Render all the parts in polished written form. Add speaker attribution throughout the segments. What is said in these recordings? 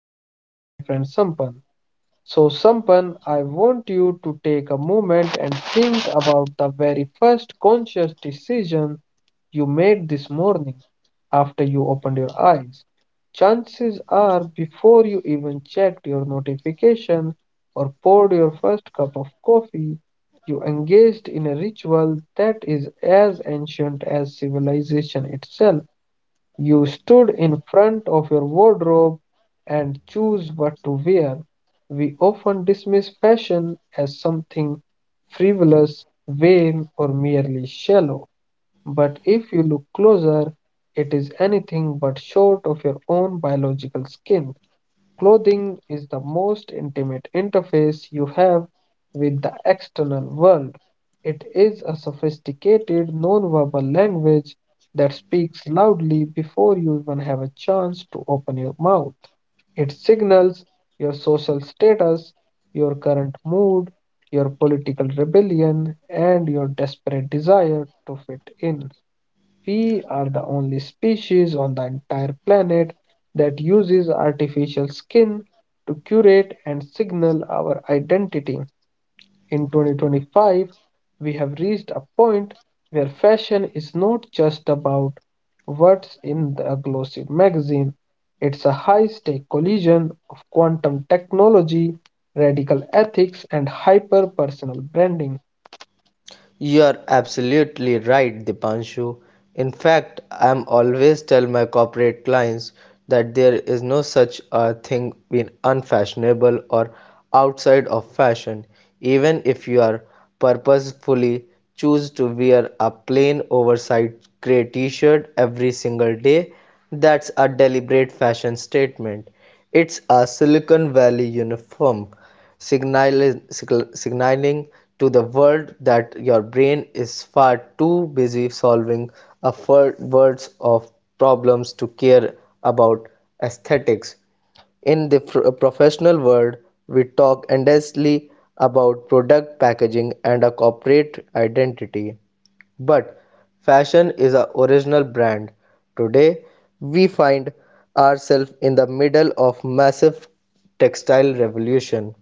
Speaker 1: and this is my friend Sampan. So, Sampan, I want you to take a moment and think about the very first conscious decision you made this morning after you opened your eyes. Chances are, before you even checked your notification or poured your first cup of coffee, you engaged in a ritual that is as ancient as civilization itself. You stood in front of your wardrobe and chose what to wear. We often dismiss fashion as something frivolous, vain, or merely shallow. But if you look closer, it is anything but short of your own biological skin. Clothing is the most intimate interface you have with the external world. It is a sophisticated nonverbal language that speaks loudly before you even have a chance to open your mouth. It signals your social status, your current mood, your political rebellion, and your desperate desire to fit in. We are the only species on the entire planet that uses artificial skin to curate and signal our identity. In 2025, we have reached a point where fashion is not just about what's in the glossy magazine. It's a high-stake collision of quantum technology, radical ethics, and hyper-personal branding.
Speaker 2: You are absolutely right, Dipanshu. In fact, I am always tell my corporate clients that there is no such a thing being unfashionable or outside of fashion. Even if you are purposefully choose to wear a plain oversized gray t-shirt every single day, that's a deliberate fashion statement. It's a Silicon Valley uniform signaling, signaling to the world that your brain is far too busy solving words of problems to care about aesthetics. In the professional world, we talk endlessly about product packaging and a corporate identity but fashion is a original brand. Today, we find ourselves in the middle of massive textile revolution.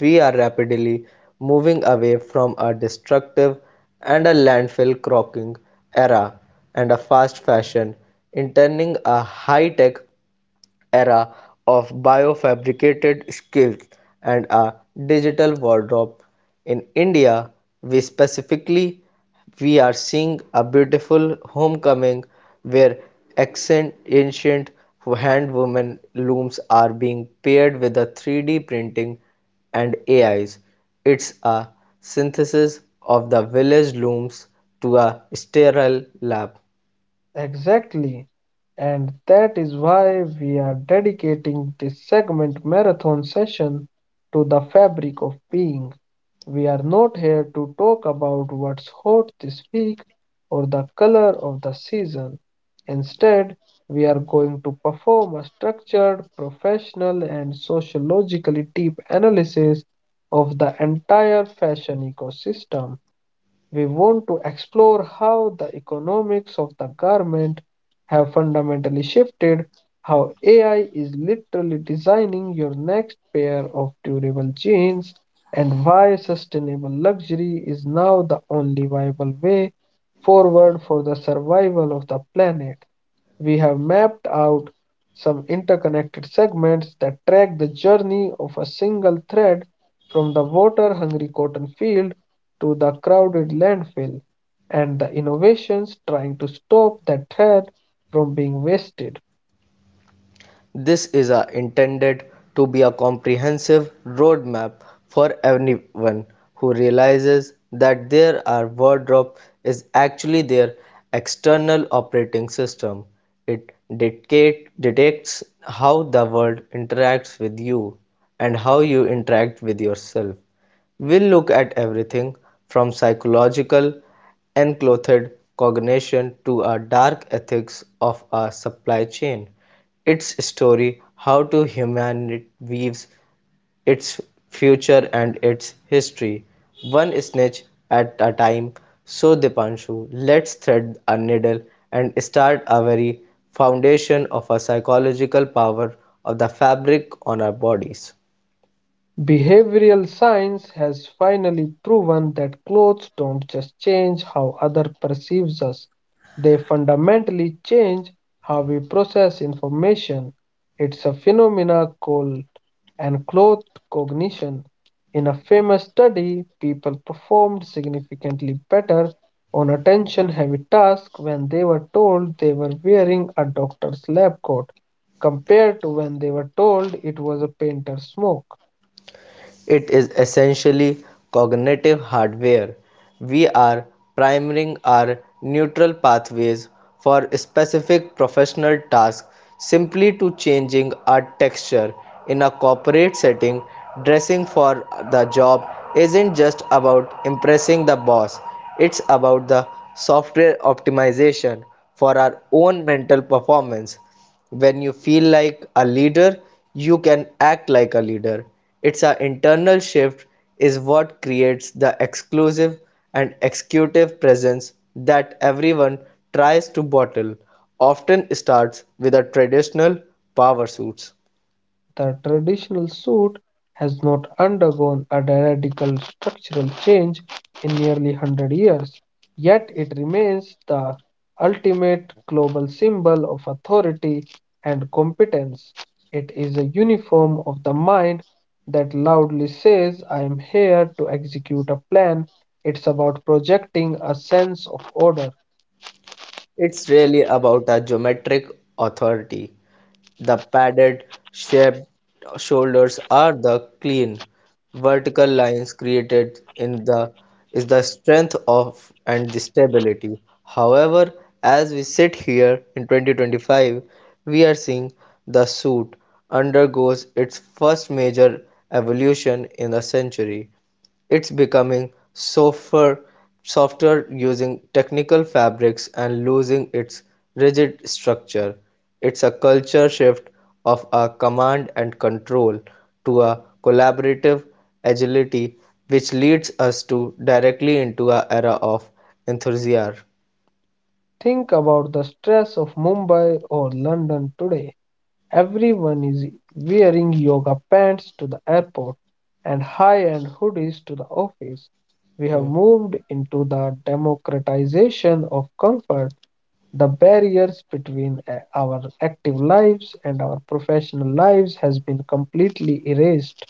Speaker 2: We are rapidly moving away from a destructive and a landfill croaking era and a fast fashion, intending a high tech era of biofabricated skills and a digital wardrobe in India we specifically we are seeing a beautiful homecoming where ancient hand woven looms are being paired with a 3D printing and ais. It's a synthesis of the village looms to a sterile lab.
Speaker 1: Exactly. And that is why we are dedicating this segment marathon session to the fabric of being. We are not here to talk about what's hot this week or the color of the season. Instead, we are going to perform a structured, professional, and sociologically deep analysis of the entire fashion ecosystem. We want to explore how the economics of the garment have fundamentally shifted, how AI is literally designing your next pair of durable jeans, and why sustainable luxury is now the only viable way forward for the survival of the planet. We have mapped out some interconnected segments that track the journey of a single thread from the water hungry cotton field to the crowded landfill and the innovations trying to stop that thread from being wasted.
Speaker 2: This is a intended to be a comprehensive roadmap for anyone who realizes that their wardrobe is actually their external operating system. It detects how the world interacts with you and how you interact with yourself. We'll look at everything from psychological enclothed cognition to a dark ethics of a supply chain. Its story, how to humanity weaves its future and its history, one snitch at a time. So Dipanshu, let's thread a needle and start a very foundation of a psychological power of the fabric on our bodies.
Speaker 1: Behavioral science has finally proven that clothes don't just change how other perceives us, they fundamentally change how we process information. It's a phenomena called unclothed cognition. In a famous study, people performed significantly better on attention-heavy tasks when they were told they were wearing a doctor's lab coat compared to when they were told it was a painter's smock.
Speaker 2: It is essentially cognitive hardware; we are priming our neural pathways for specific professional tasks simply to changing our texture in a corporate setting dressing for the job isn't just about impressing the boss. It's about the software optimization for our own mental performance. When you feel like a leader you can act like a leader. It's an internal shift is what creates the exclusive and executive presence that everyone tries to bottle, often starts with a traditional power suits.
Speaker 1: The traditional suit has not undergone a radical structural change in nearly 100 years, yet it remains the ultimate global symbol of authority and competence. It is a uniform of the mind that loudly says, I am here to execute a plan. It's about projecting a sense of order.
Speaker 2: It's really about a geometric authority. The padded, shaped shoulders are the clean, vertical lines created in the is the strength of and the stability. However, as we sit here in 2025, we are seeing the suit undergoes its first major evolution in a century. It's becoming softer using technical fabrics and losing its rigid structure. It's a culture shift of a command and control to a collaborative agility, which leads us to directly into a era of enthusiasm.
Speaker 1: Think about the stress of Mumbai or London today. Everyone is wearing yoga pants to the airport and high-end hoodies to the office. We have
Speaker 2: Hmm.
Speaker 1: moved into the democratization of comfort. The barriers between our active lives and our professional lives has been completely erased.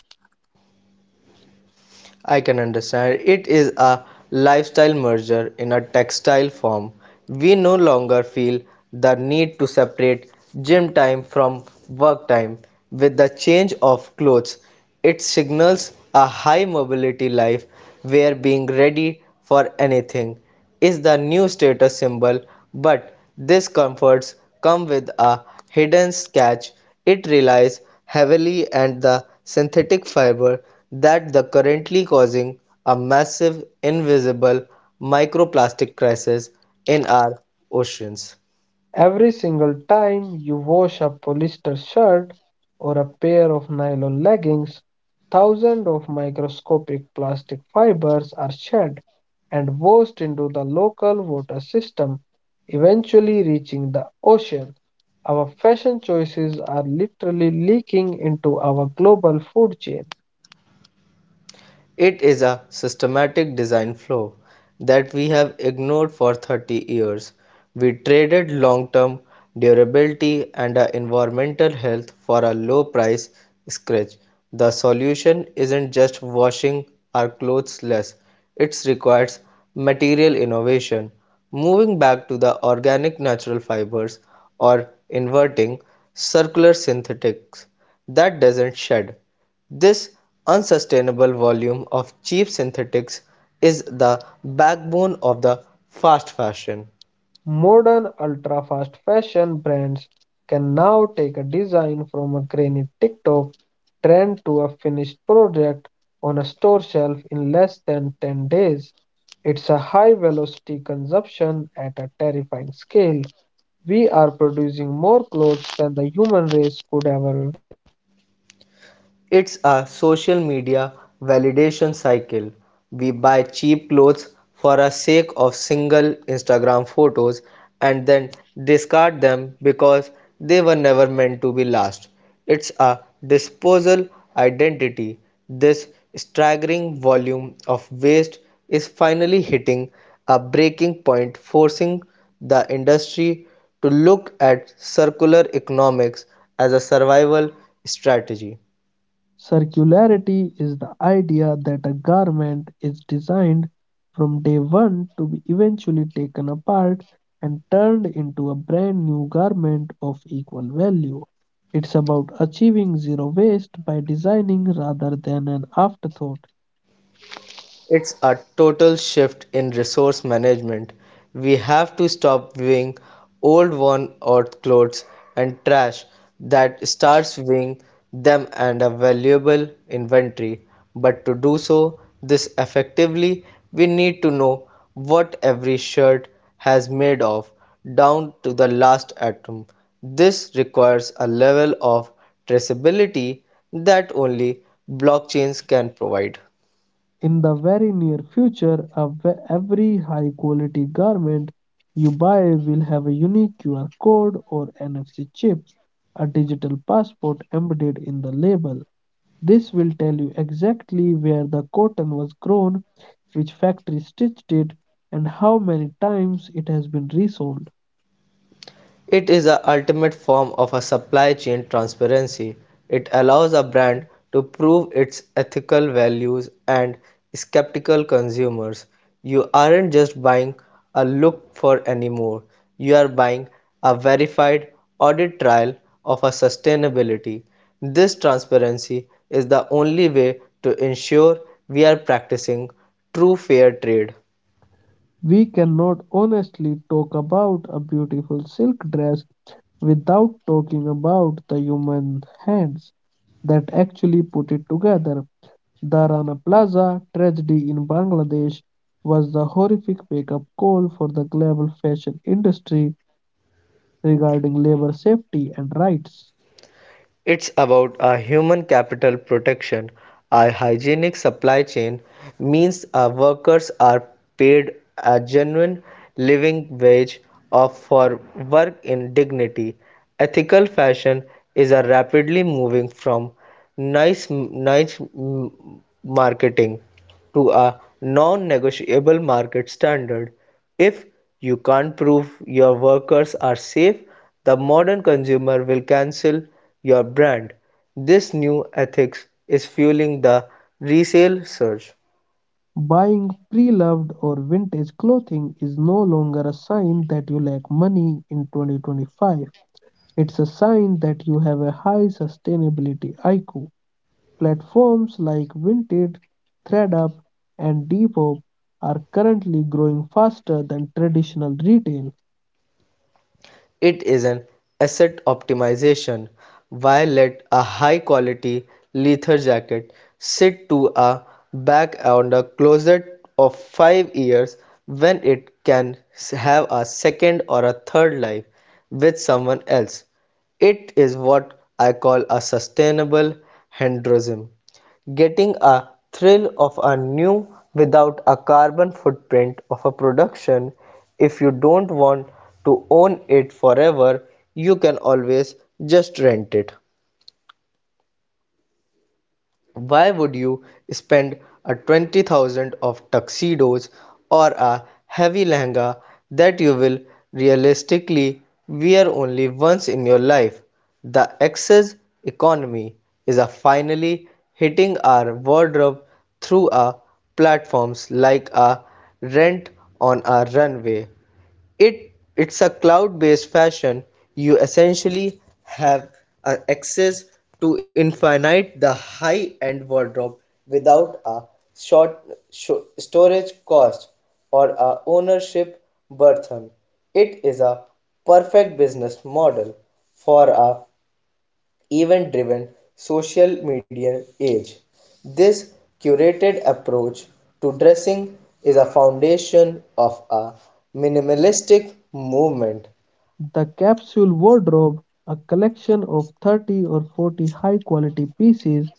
Speaker 2: I can understand. It is a lifestyle merger in a textile form. We no longer feel the need to separate gym time from work time. With the change of clothes, it signals a high mobility life where being ready for anything is the new status symbol, but these comforts come with a hidden catch. It relies heavily on the synthetic fiber that the currently causing a massive invisible microplastic crisis in our oceans.
Speaker 1: Every single time you wash a polyester shirt or a pair of nylon leggings, thousands of microscopic plastic fibers are shed and washed into the local water system, eventually reaching the ocean. Our fashion choices are literally leaking into our global food chain.
Speaker 2: It is a systematic design flaw that we have ignored for 30 years. We traded long term durability and environmental health for a low price scratch. The solution isn't just washing our clothes less, it requires material innovation. Moving back to the organic natural fibers or inverting circular synthetics that doesn't shed this unsustainable volume of cheap synthetics is the backbone of the fast fashion.
Speaker 1: Modern ultra-fast fashion brands can now take a design from a grainy TikTok trend to a finished project on a store shelf in less than 10 days. It's a high-velocity consumption at a terrifying scale. We are producing more clothes than the human race could ever.
Speaker 2: It's a social media validation cycle. We buy cheap clothes for the sake of single Instagram photos and then discard them because they were never meant to be last. It's a disposal identity. This staggering volume of waste is finally hitting a breaking point, forcing the industry to look at circular economics as a survival strategy.
Speaker 1: Circularity is the idea that a garment is designed from day one to be eventually taken apart and turned into a brand new garment of equal value. It's about achieving zero waste by designing rather than an afterthought.
Speaker 2: It's a total shift in resource management. We have to stop viewing old worn out clothes and trash that starts viewing them and a valuable inventory. But to do so this effectively, we need to know what every shirt has made of down to the last atom. This requires a level of traceability that only blockchains can provide.
Speaker 1: In the very near future, every high quality garment you buy will have a unique QR code or NFC chip, a digital passport embedded in the label. This will tell you exactly where the cotton was grown, which factory stitched it, and how many times it has been resold.
Speaker 2: It is the ultimate form of a supply chain transparency. It allows a brand to prove its ethical values and skeptical consumers. You aren't just buying a look for anymore. You are buying a verified audit trial of a sustainability. This transparency is the only way to ensure we are practicing true fair trade.
Speaker 1: We cannot honestly talk about a beautiful silk dress without talking about the human hands that actually put it together. The Rana Plaza tragedy in Bangladesh was the horrific wake up call for the global fashion industry regarding labor safety and rights.
Speaker 2: It's about a human capital protection. A hygienic supply chain means our workers are paid a genuine living wage of for work in dignity. Ethical fashion is a rapidly moving from nice niche marketing to a non-negotiable market standard. If you can't prove your workers are safe, the modern consumer will cancel your brand. This new ethics is fueling the resale surge.
Speaker 1: Buying pre-loved or vintage clothing is no longer a sign that you lack money in 2025. It's a sign that you have a high sustainability IQ. Platforms like Vinted, ThreadUp, and Depop are currently growing faster than traditional retail.
Speaker 2: It is an asset optimization. Why let a high quality leather jacket sit to a back on a closet of 5 years when it can have a second or a third life with someone else? It is what I call a sustainable hedonism, getting a thrill of a new without a carbon footprint of a production. If you don't want to own it forever you can always just rent it. Why would you spend a 20,000 of tuxedos or a heavy lehenga that you will realistically wear only once in your life? The excess economy is a finally hitting our wardrobe through our platforms like a rent on a runway. It's a cloud-based fashion. You essentially have access to infinite the high-end wardrobe without a short storage cost or a ownership burden. It is a perfect business model for a event driven social media age. This curated approach to dressing is a foundation of a minimalistic movement.
Speaker 1: The capsule wardrobe, a collection of 30 or 40 high-quality pieces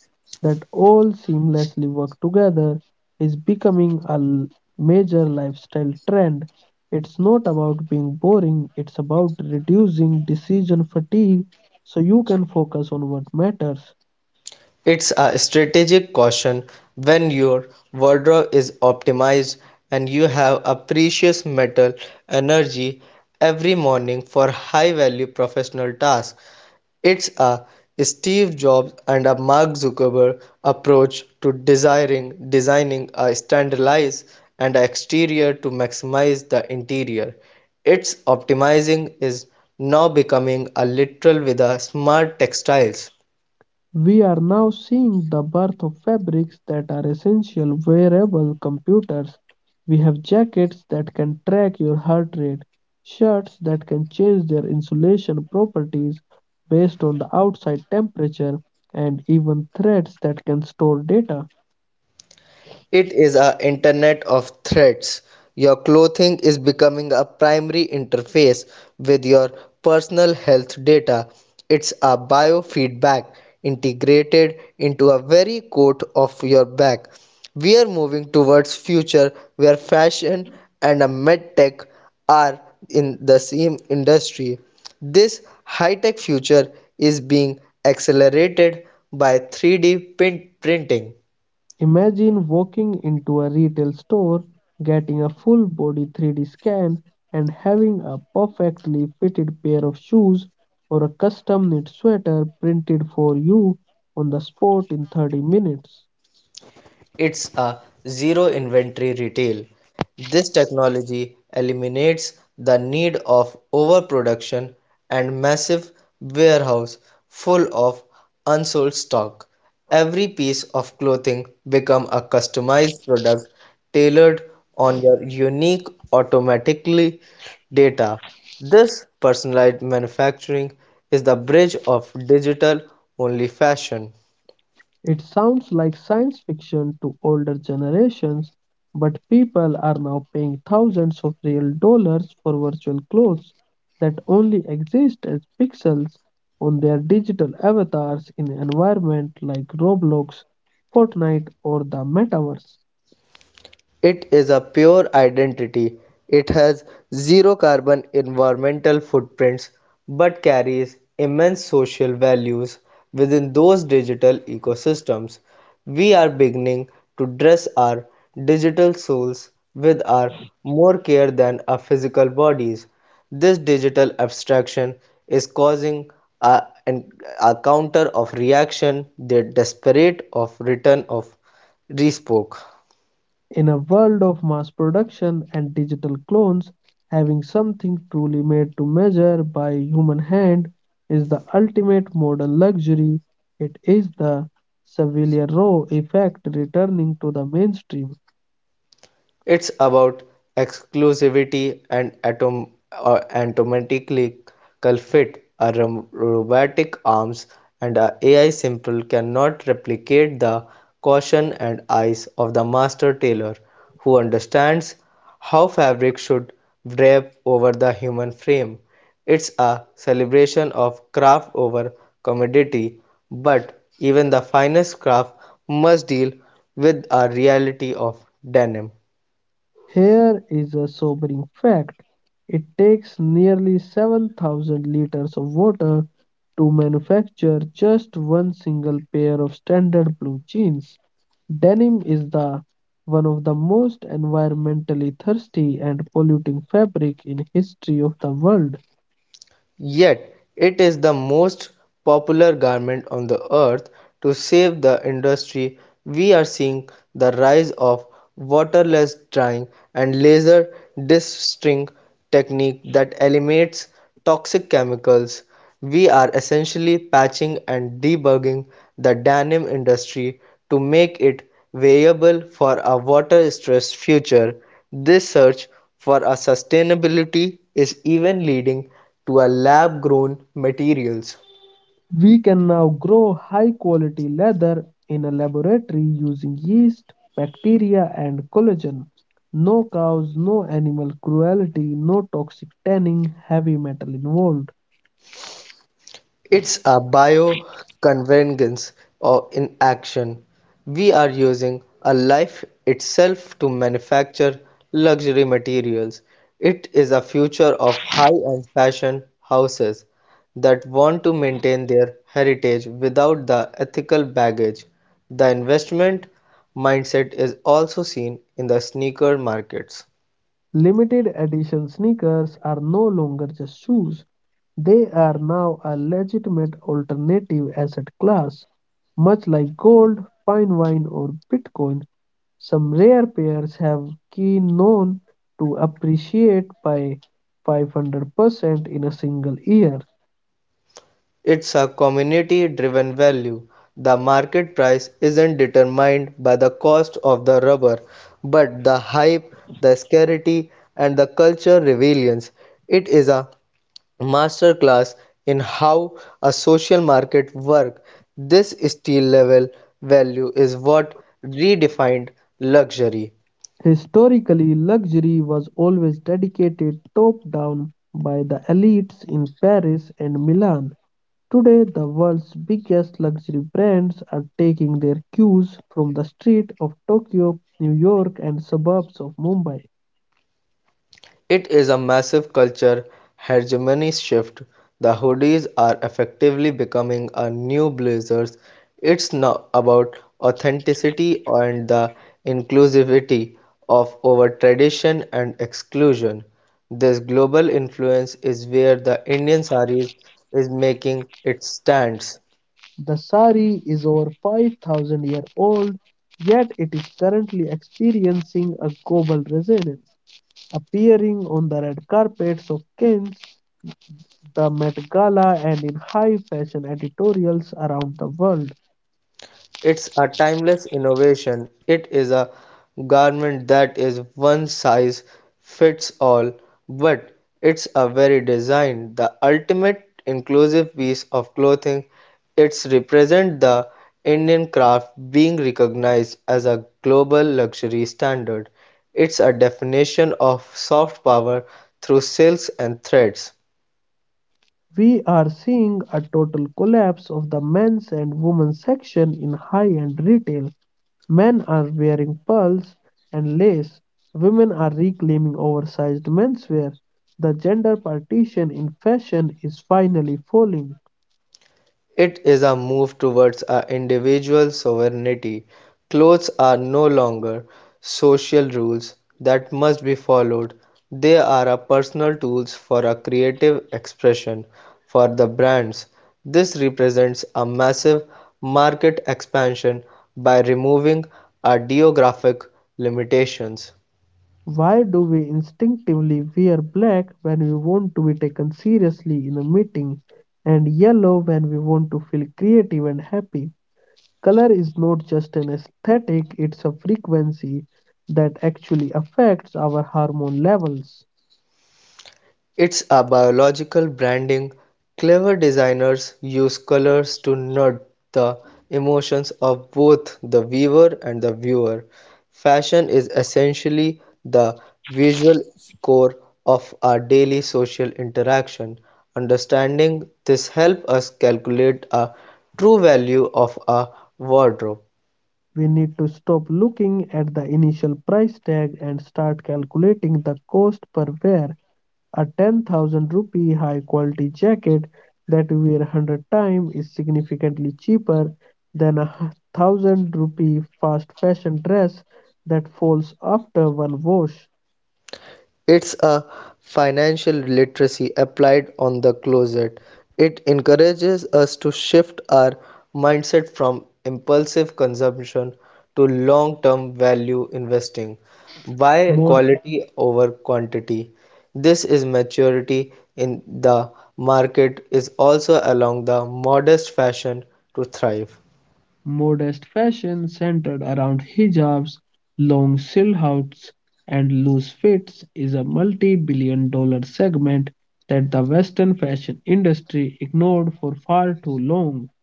Speaker 1: that all seamlessly work together, is becoming a major lifestyle trend. It's not about being boring, it's about reducing decision fatigue so you can focus on what matters.
Speaker 2: It's a strategic caution when your wardrobe is optimized and you have a precious metal energy every morning for high value professional tasks. It's a Steve Jobs and a Mark Zuckerberg approach to desiring designing a standardized and a exterior to maximize the interior. Its optimizing is now becoming a literal with a smart textiles.
Speaker 1: We are now seeing the birth of fabrics that are essential wearable computers. We have jackets that can track your heart rate, shirts that can change their insulation properties based on the outside temperature, and even threads that can store data.
Speaker 2: It is a internet of threads. Your clothing is becoming a primary interface with your personal health data. It's a biofeedback integrated into a very coat of your back. We are moving towards future where fashion and a medtech are in the same industry. This high-tech future is being accelerated by 3D print printing.
Speaker 1: Imagine walking into a retail store, getting a full body 3D scan, and having a perfectly fitted pair of shoes or a custom knit sweater printed for you on the spot in 30 minutes.
Speaker 2: It's a zero inventory retail. This technology eliminates the need of overproduction and massive warehouse full of unsold stock. Every piece of clothing become a customized product tailored on your unique automatically data. This personalized manufacturing is the bridge of digital only fashion.
Speaker 1: It sounds like science fiction to older generations, but people are now paying thousands of real dollars for virtual clothes that only exist as pixels on their digital avatars in environments like Roblox, Fortnite, or the metaverse.
Speaker 2: It is a pure identity. It has zero carbon environmental footprints but carries immense social values within those digital ecosystems. We are beginning to dress our digital souls with our more care than our physical bodies. This digital abstraction is causing a, an, a counter of reaction, the desperate of return of respoke.
Speaker 1: In a world of mass production and digital clones, having something truly made to measure by human hand is the ultimate modern luxury. It is the Seville Row effect returning to the mainstream.
Speaker 2: It's about exclusivity and atom and automatically fit. Robotic arms and a AI simple cannot replicate the caution and eyes of the master tailor who understands how fabric should drape over the human frame. It's a celebration of craft over commodity, but even the finest craft must deal with a reality of denim.
Speaker 1: Here is a sobering fact. It takes nearly 7,000 liters of water to manufacture just one single pair of standard blue jeans. Denim is the one of the most environmentally thirsty and polluting fabric in history of the world.
Speaker 2: Yet it is the most popular garment on the earth. To save the industry, we are seeing the rise of waterless dyeing and laser dusting technique that eliminates toxic chemicals. We are essentially patching and debugging the denim industry to make it viable for a water-stressed future. This search for a sustainability is even leading to a lab-grown materials.
Speaker 1: We can now grow high quality leather in a laboratory using yeast, bacteria, and collagen. No cows, no animal cruelty, no toxic tanning, heavy metal involved.
Speaker 2: It's a bioconvergence or in action. We are using a life itself to manufacture luxury materials. It is a future of high-end fashion houses that want to maintain their heritage without the ethical baggage. The investment mindset is also seen in the sneaker markets.
Speaker 1: Limited edition sneakers are no longer just shoes, they are now a legitimate alternative asset class, much like gold, fine wine, or Bitcoin. Some rare pairs have key known to appreciate by 500% in a single year.
Speaker 2: It's a community-driven value; the market price isn't determined by the cost of the rubber, but the hype, the scarcity, and the cultural relevance. It is a masterclass in how a social market works. This steel level value is what redefined luxury.
Speaker 1: Historically, luxury was always dedicated top down by the elites in Paris and Milan. Today, the world's biggest luxury brands are taking their cues from the streets of Tokyo, New York, and suburbs of Mumbai.
Speaker 2: It is a massive culture hegemony shift. The hoodies are effectively becoming a new blazers. It's now about authenticity and the inclusivity of over tradition and exclusion. This global influence is where the Indian saris is making its stands.
Speaker 1: The sari is over 5,000 years old, yet it is currently experiencing a global resonance, appearing on the red carpets of Cannes, the Met Gala, and in high fashion editorials around the world.
Speaker 2: It's a timeless innovation. It is a garment that is one size fits all, but it's a very design, the ultimate inclusive piece of clothing. It's represent the Indian craft being recognized as a global luxury standard. It's a definition of soft power through silks and threads.
Speaker 1: We are seeing a total collapse of the men's and women's section in high end retail. Men are wearing pearls and lace. Women are reclaiming oversized menswear. The gender partition in fashion is finally falling.
Speaker 2: It is a move towards our individual sovereignty. Clothes are no longer social rules that must be followed. They are a personal tools for a creative expression for the brands. This represents a massive market expansion by removing our geographic limitations.
Speaker 1: Why do we instinctively wear black when we want to be taken seriously in a meeting and yellow when we want to feel creative and happy? Color is not just an aesthetic, it's a frequency that actually affects our hormone levels.
Speaker 2: It's a biological branding, clever designers use colors to nudge the emotions of both the weaver and the viewer. Fashion is essentially the visual core of our daily social interaction. Understanding this helps us calculate a true value of a wardrobe.
Speaker 1: We need to stop looking at the initial price tag and start calculating the cost per wear. A 10,000 rupee high quality jacket that you wear 100 times is significantly cheaper than a 1,000 rupee fast fashion dress that falls after one wash.
Speaker 2: It's a financial literacy applied on the closet. It encourages us to shift our mindset from impulsive consumption to long term value investing. Why
Speaker 1: More.
Speaker 2: quality over quantity? This is maturity in the market is also along the modest fashion to thrive.
Speaker 1: Modest fashion centered around hijabs, long silhouettes, and loose fits is a multi-billion dollar segment that the Western fashion industry ignored for far too long.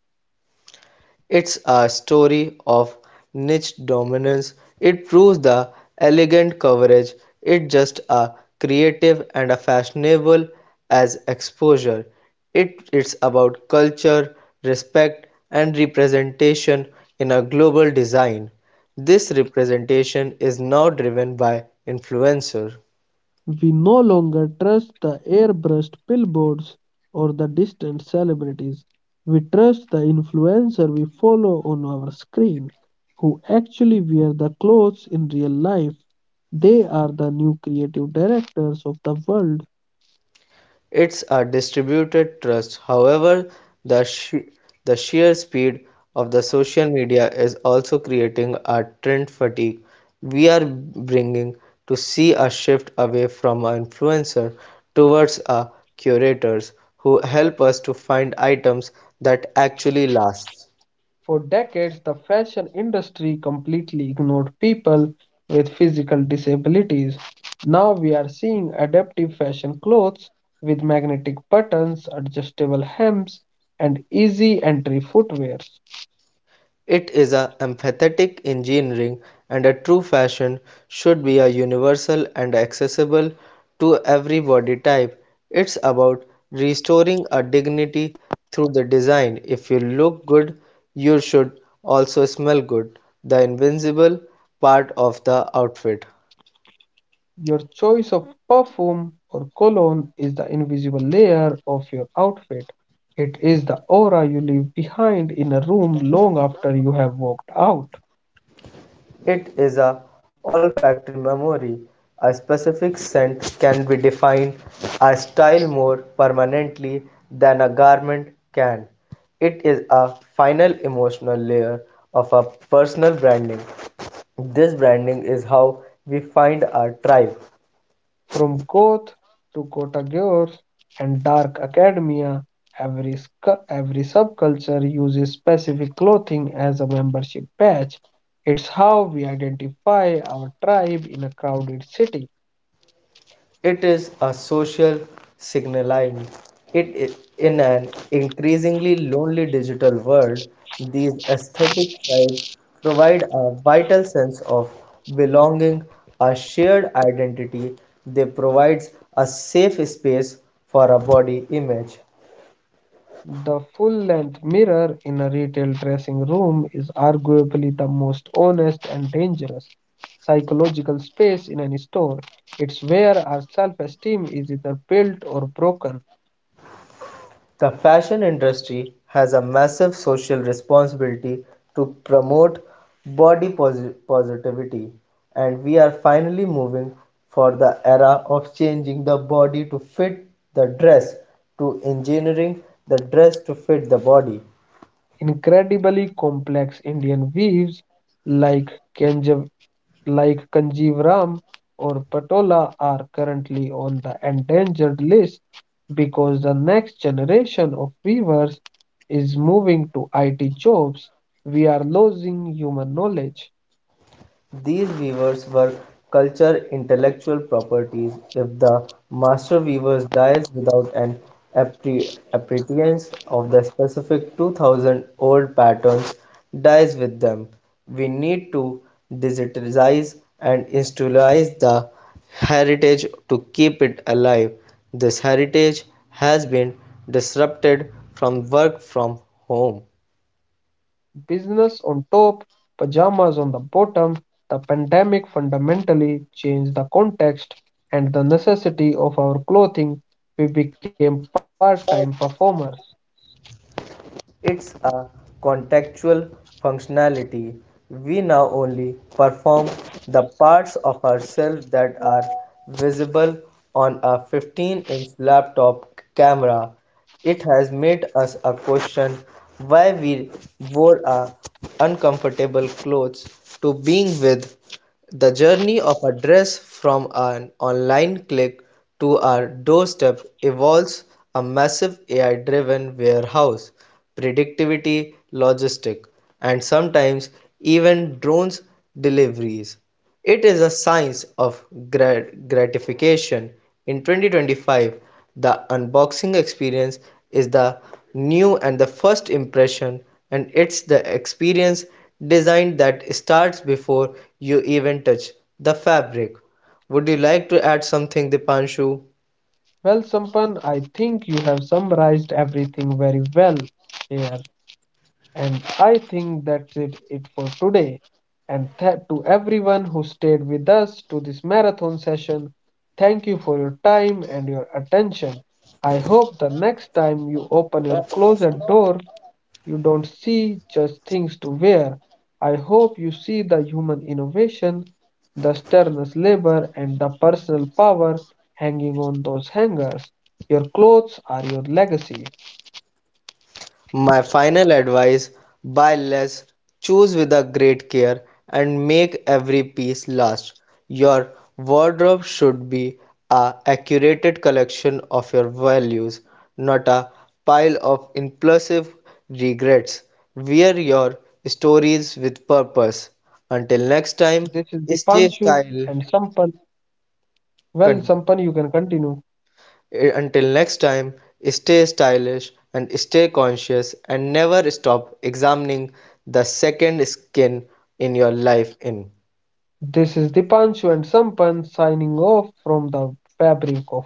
Speaker 2: It's a story of niche dominance. It proves the elegant coverage. It's just a creative and a fashionable as exposure. It's about culture, respect, and representation in a global design. This representation is now driven by influencer.
Speaker 1: We no longer trust the airbrushed billboards or the distant celebrities. We trust the influencer we follow on our screen, who actually wear the clothes in real life. They are the new creative directors of the world.
Speaker 2: It's a distributed trust, however, the, sh- the sheer speed of the social media is also creating a trend fatigue. We are bringing to see a shift away from an influencer towards a curators who help us to find items that actually last.
Speaker 1: For decades, the fashion industry completely ignored people with physical disabilities. Now we are seeing adaptive fashion clothes with magnetic buttons, adjustable hems, and easy entry footwear.
Speaker 2: It is a empathetic engineering and a true fashion should be a universal and accessible to every body type. It's about restoring a dignity through the design. If you look good, you should also smell good, the invisible part of the outfit.
Speaker 1: Your choice of perfume or cologne is the invisible layer of your outfit. It is the aura you leave behind in a room long after you have walked out.
Speaker 2: It is a olfactory memory; a specific scent can be defined a style more permanently than a garment can; it is a final emotional layer of a personal branding. This branding is how we find our tribe.
Speaker 1: From Koth to Kottagore and dark academia, every, every subculture uses specific clothing as a membership badge. It's how we identify our tribe in a crowded city.
Speaker 2: It is a social signaling. It is in an increasingly lonely digital world, these aesthetic tribes provide a vital sense of belonging, a shared identity. They provide a safe space for a body image.
Speaker 1: The full length mirror in a retail dressing room is arguably the most honest and dangerous psychological space in any store. It's where our self esteem is either built or broken.
Speaker 2: The fashion industry has a massive social responsibility to promote positivity, and we are finally moving for the era of changing the body to fit the dress to engineering the dress to fit the body.
Speaker 1: Incredibly complex Indian weaves like Kanjav, Kanjivaram or Patola are currently on the endangered list because the next generation of weavers is moving to IT jobs. We are losing human knowledge.
Speaker 2: These weavers were culture intellectual properties. If the master weaver dies without an appre- appreciation of the specific 2000 old patterns dies with them. We need to digitize and institutionalize the heritage to keep it alive. This heritage has been disrupted from work from home.
Speaker 1: Business on top, pajamas on the bottom, the pandemic fundamentally changed the context and the necessity of our clothing. We became part time performers.
Speaker 2: It's a contextual functionality. We now only perform the parts of ourselves that are visible on a 15-inch laptop camera. It has made us a question why we wore our uncomfortable clothes to being with the journey of a dress from an online click to our doorstep evolves a massive AI-driven warehouse, predictivity, logistics, and sometimes even drones deliveries. It is a science of gratification. In 2025, the unboxing experience is the new and the first impression, and it's the experience design that starts before you even touch the fabric. Would you like to add something, Dipanshu?
Speaker 1: Well, Sampan, I think you have summarized everything very well here. And I think that's it for today. And to everyone who stayed with us to this marathon session, thank you for your time and your attention. I hope the next time you open your closet door, you don't see just things to wear. I hope you see the human innovation, the sternness labor, and the personal power hanging on those hangers. Your clothes are your legacy.
Speaker 2: My final advice buy less, choose with a great care, and make every piece last. Your wardrobe should be a accurate collection of your values, not a pile of impulsive regrets. Wear your stories with purpose. Until next
Speaker 1: This
Speaker 2: time,
Speaker 1: is
Speaker 2: stay
Speaker 1: Dipanshu and
Speaker 2: style.
Speaker 1: Sampal. Well,
Speaker 2: Continue.
Speaker 1: Sampan, you can continue.
Speaker 2: Until next time, stay stylish and stay conscious and never stop examining the second skin in your life in.
Speaker 1: This is Dipanshu and Sampan signing off from the fabric of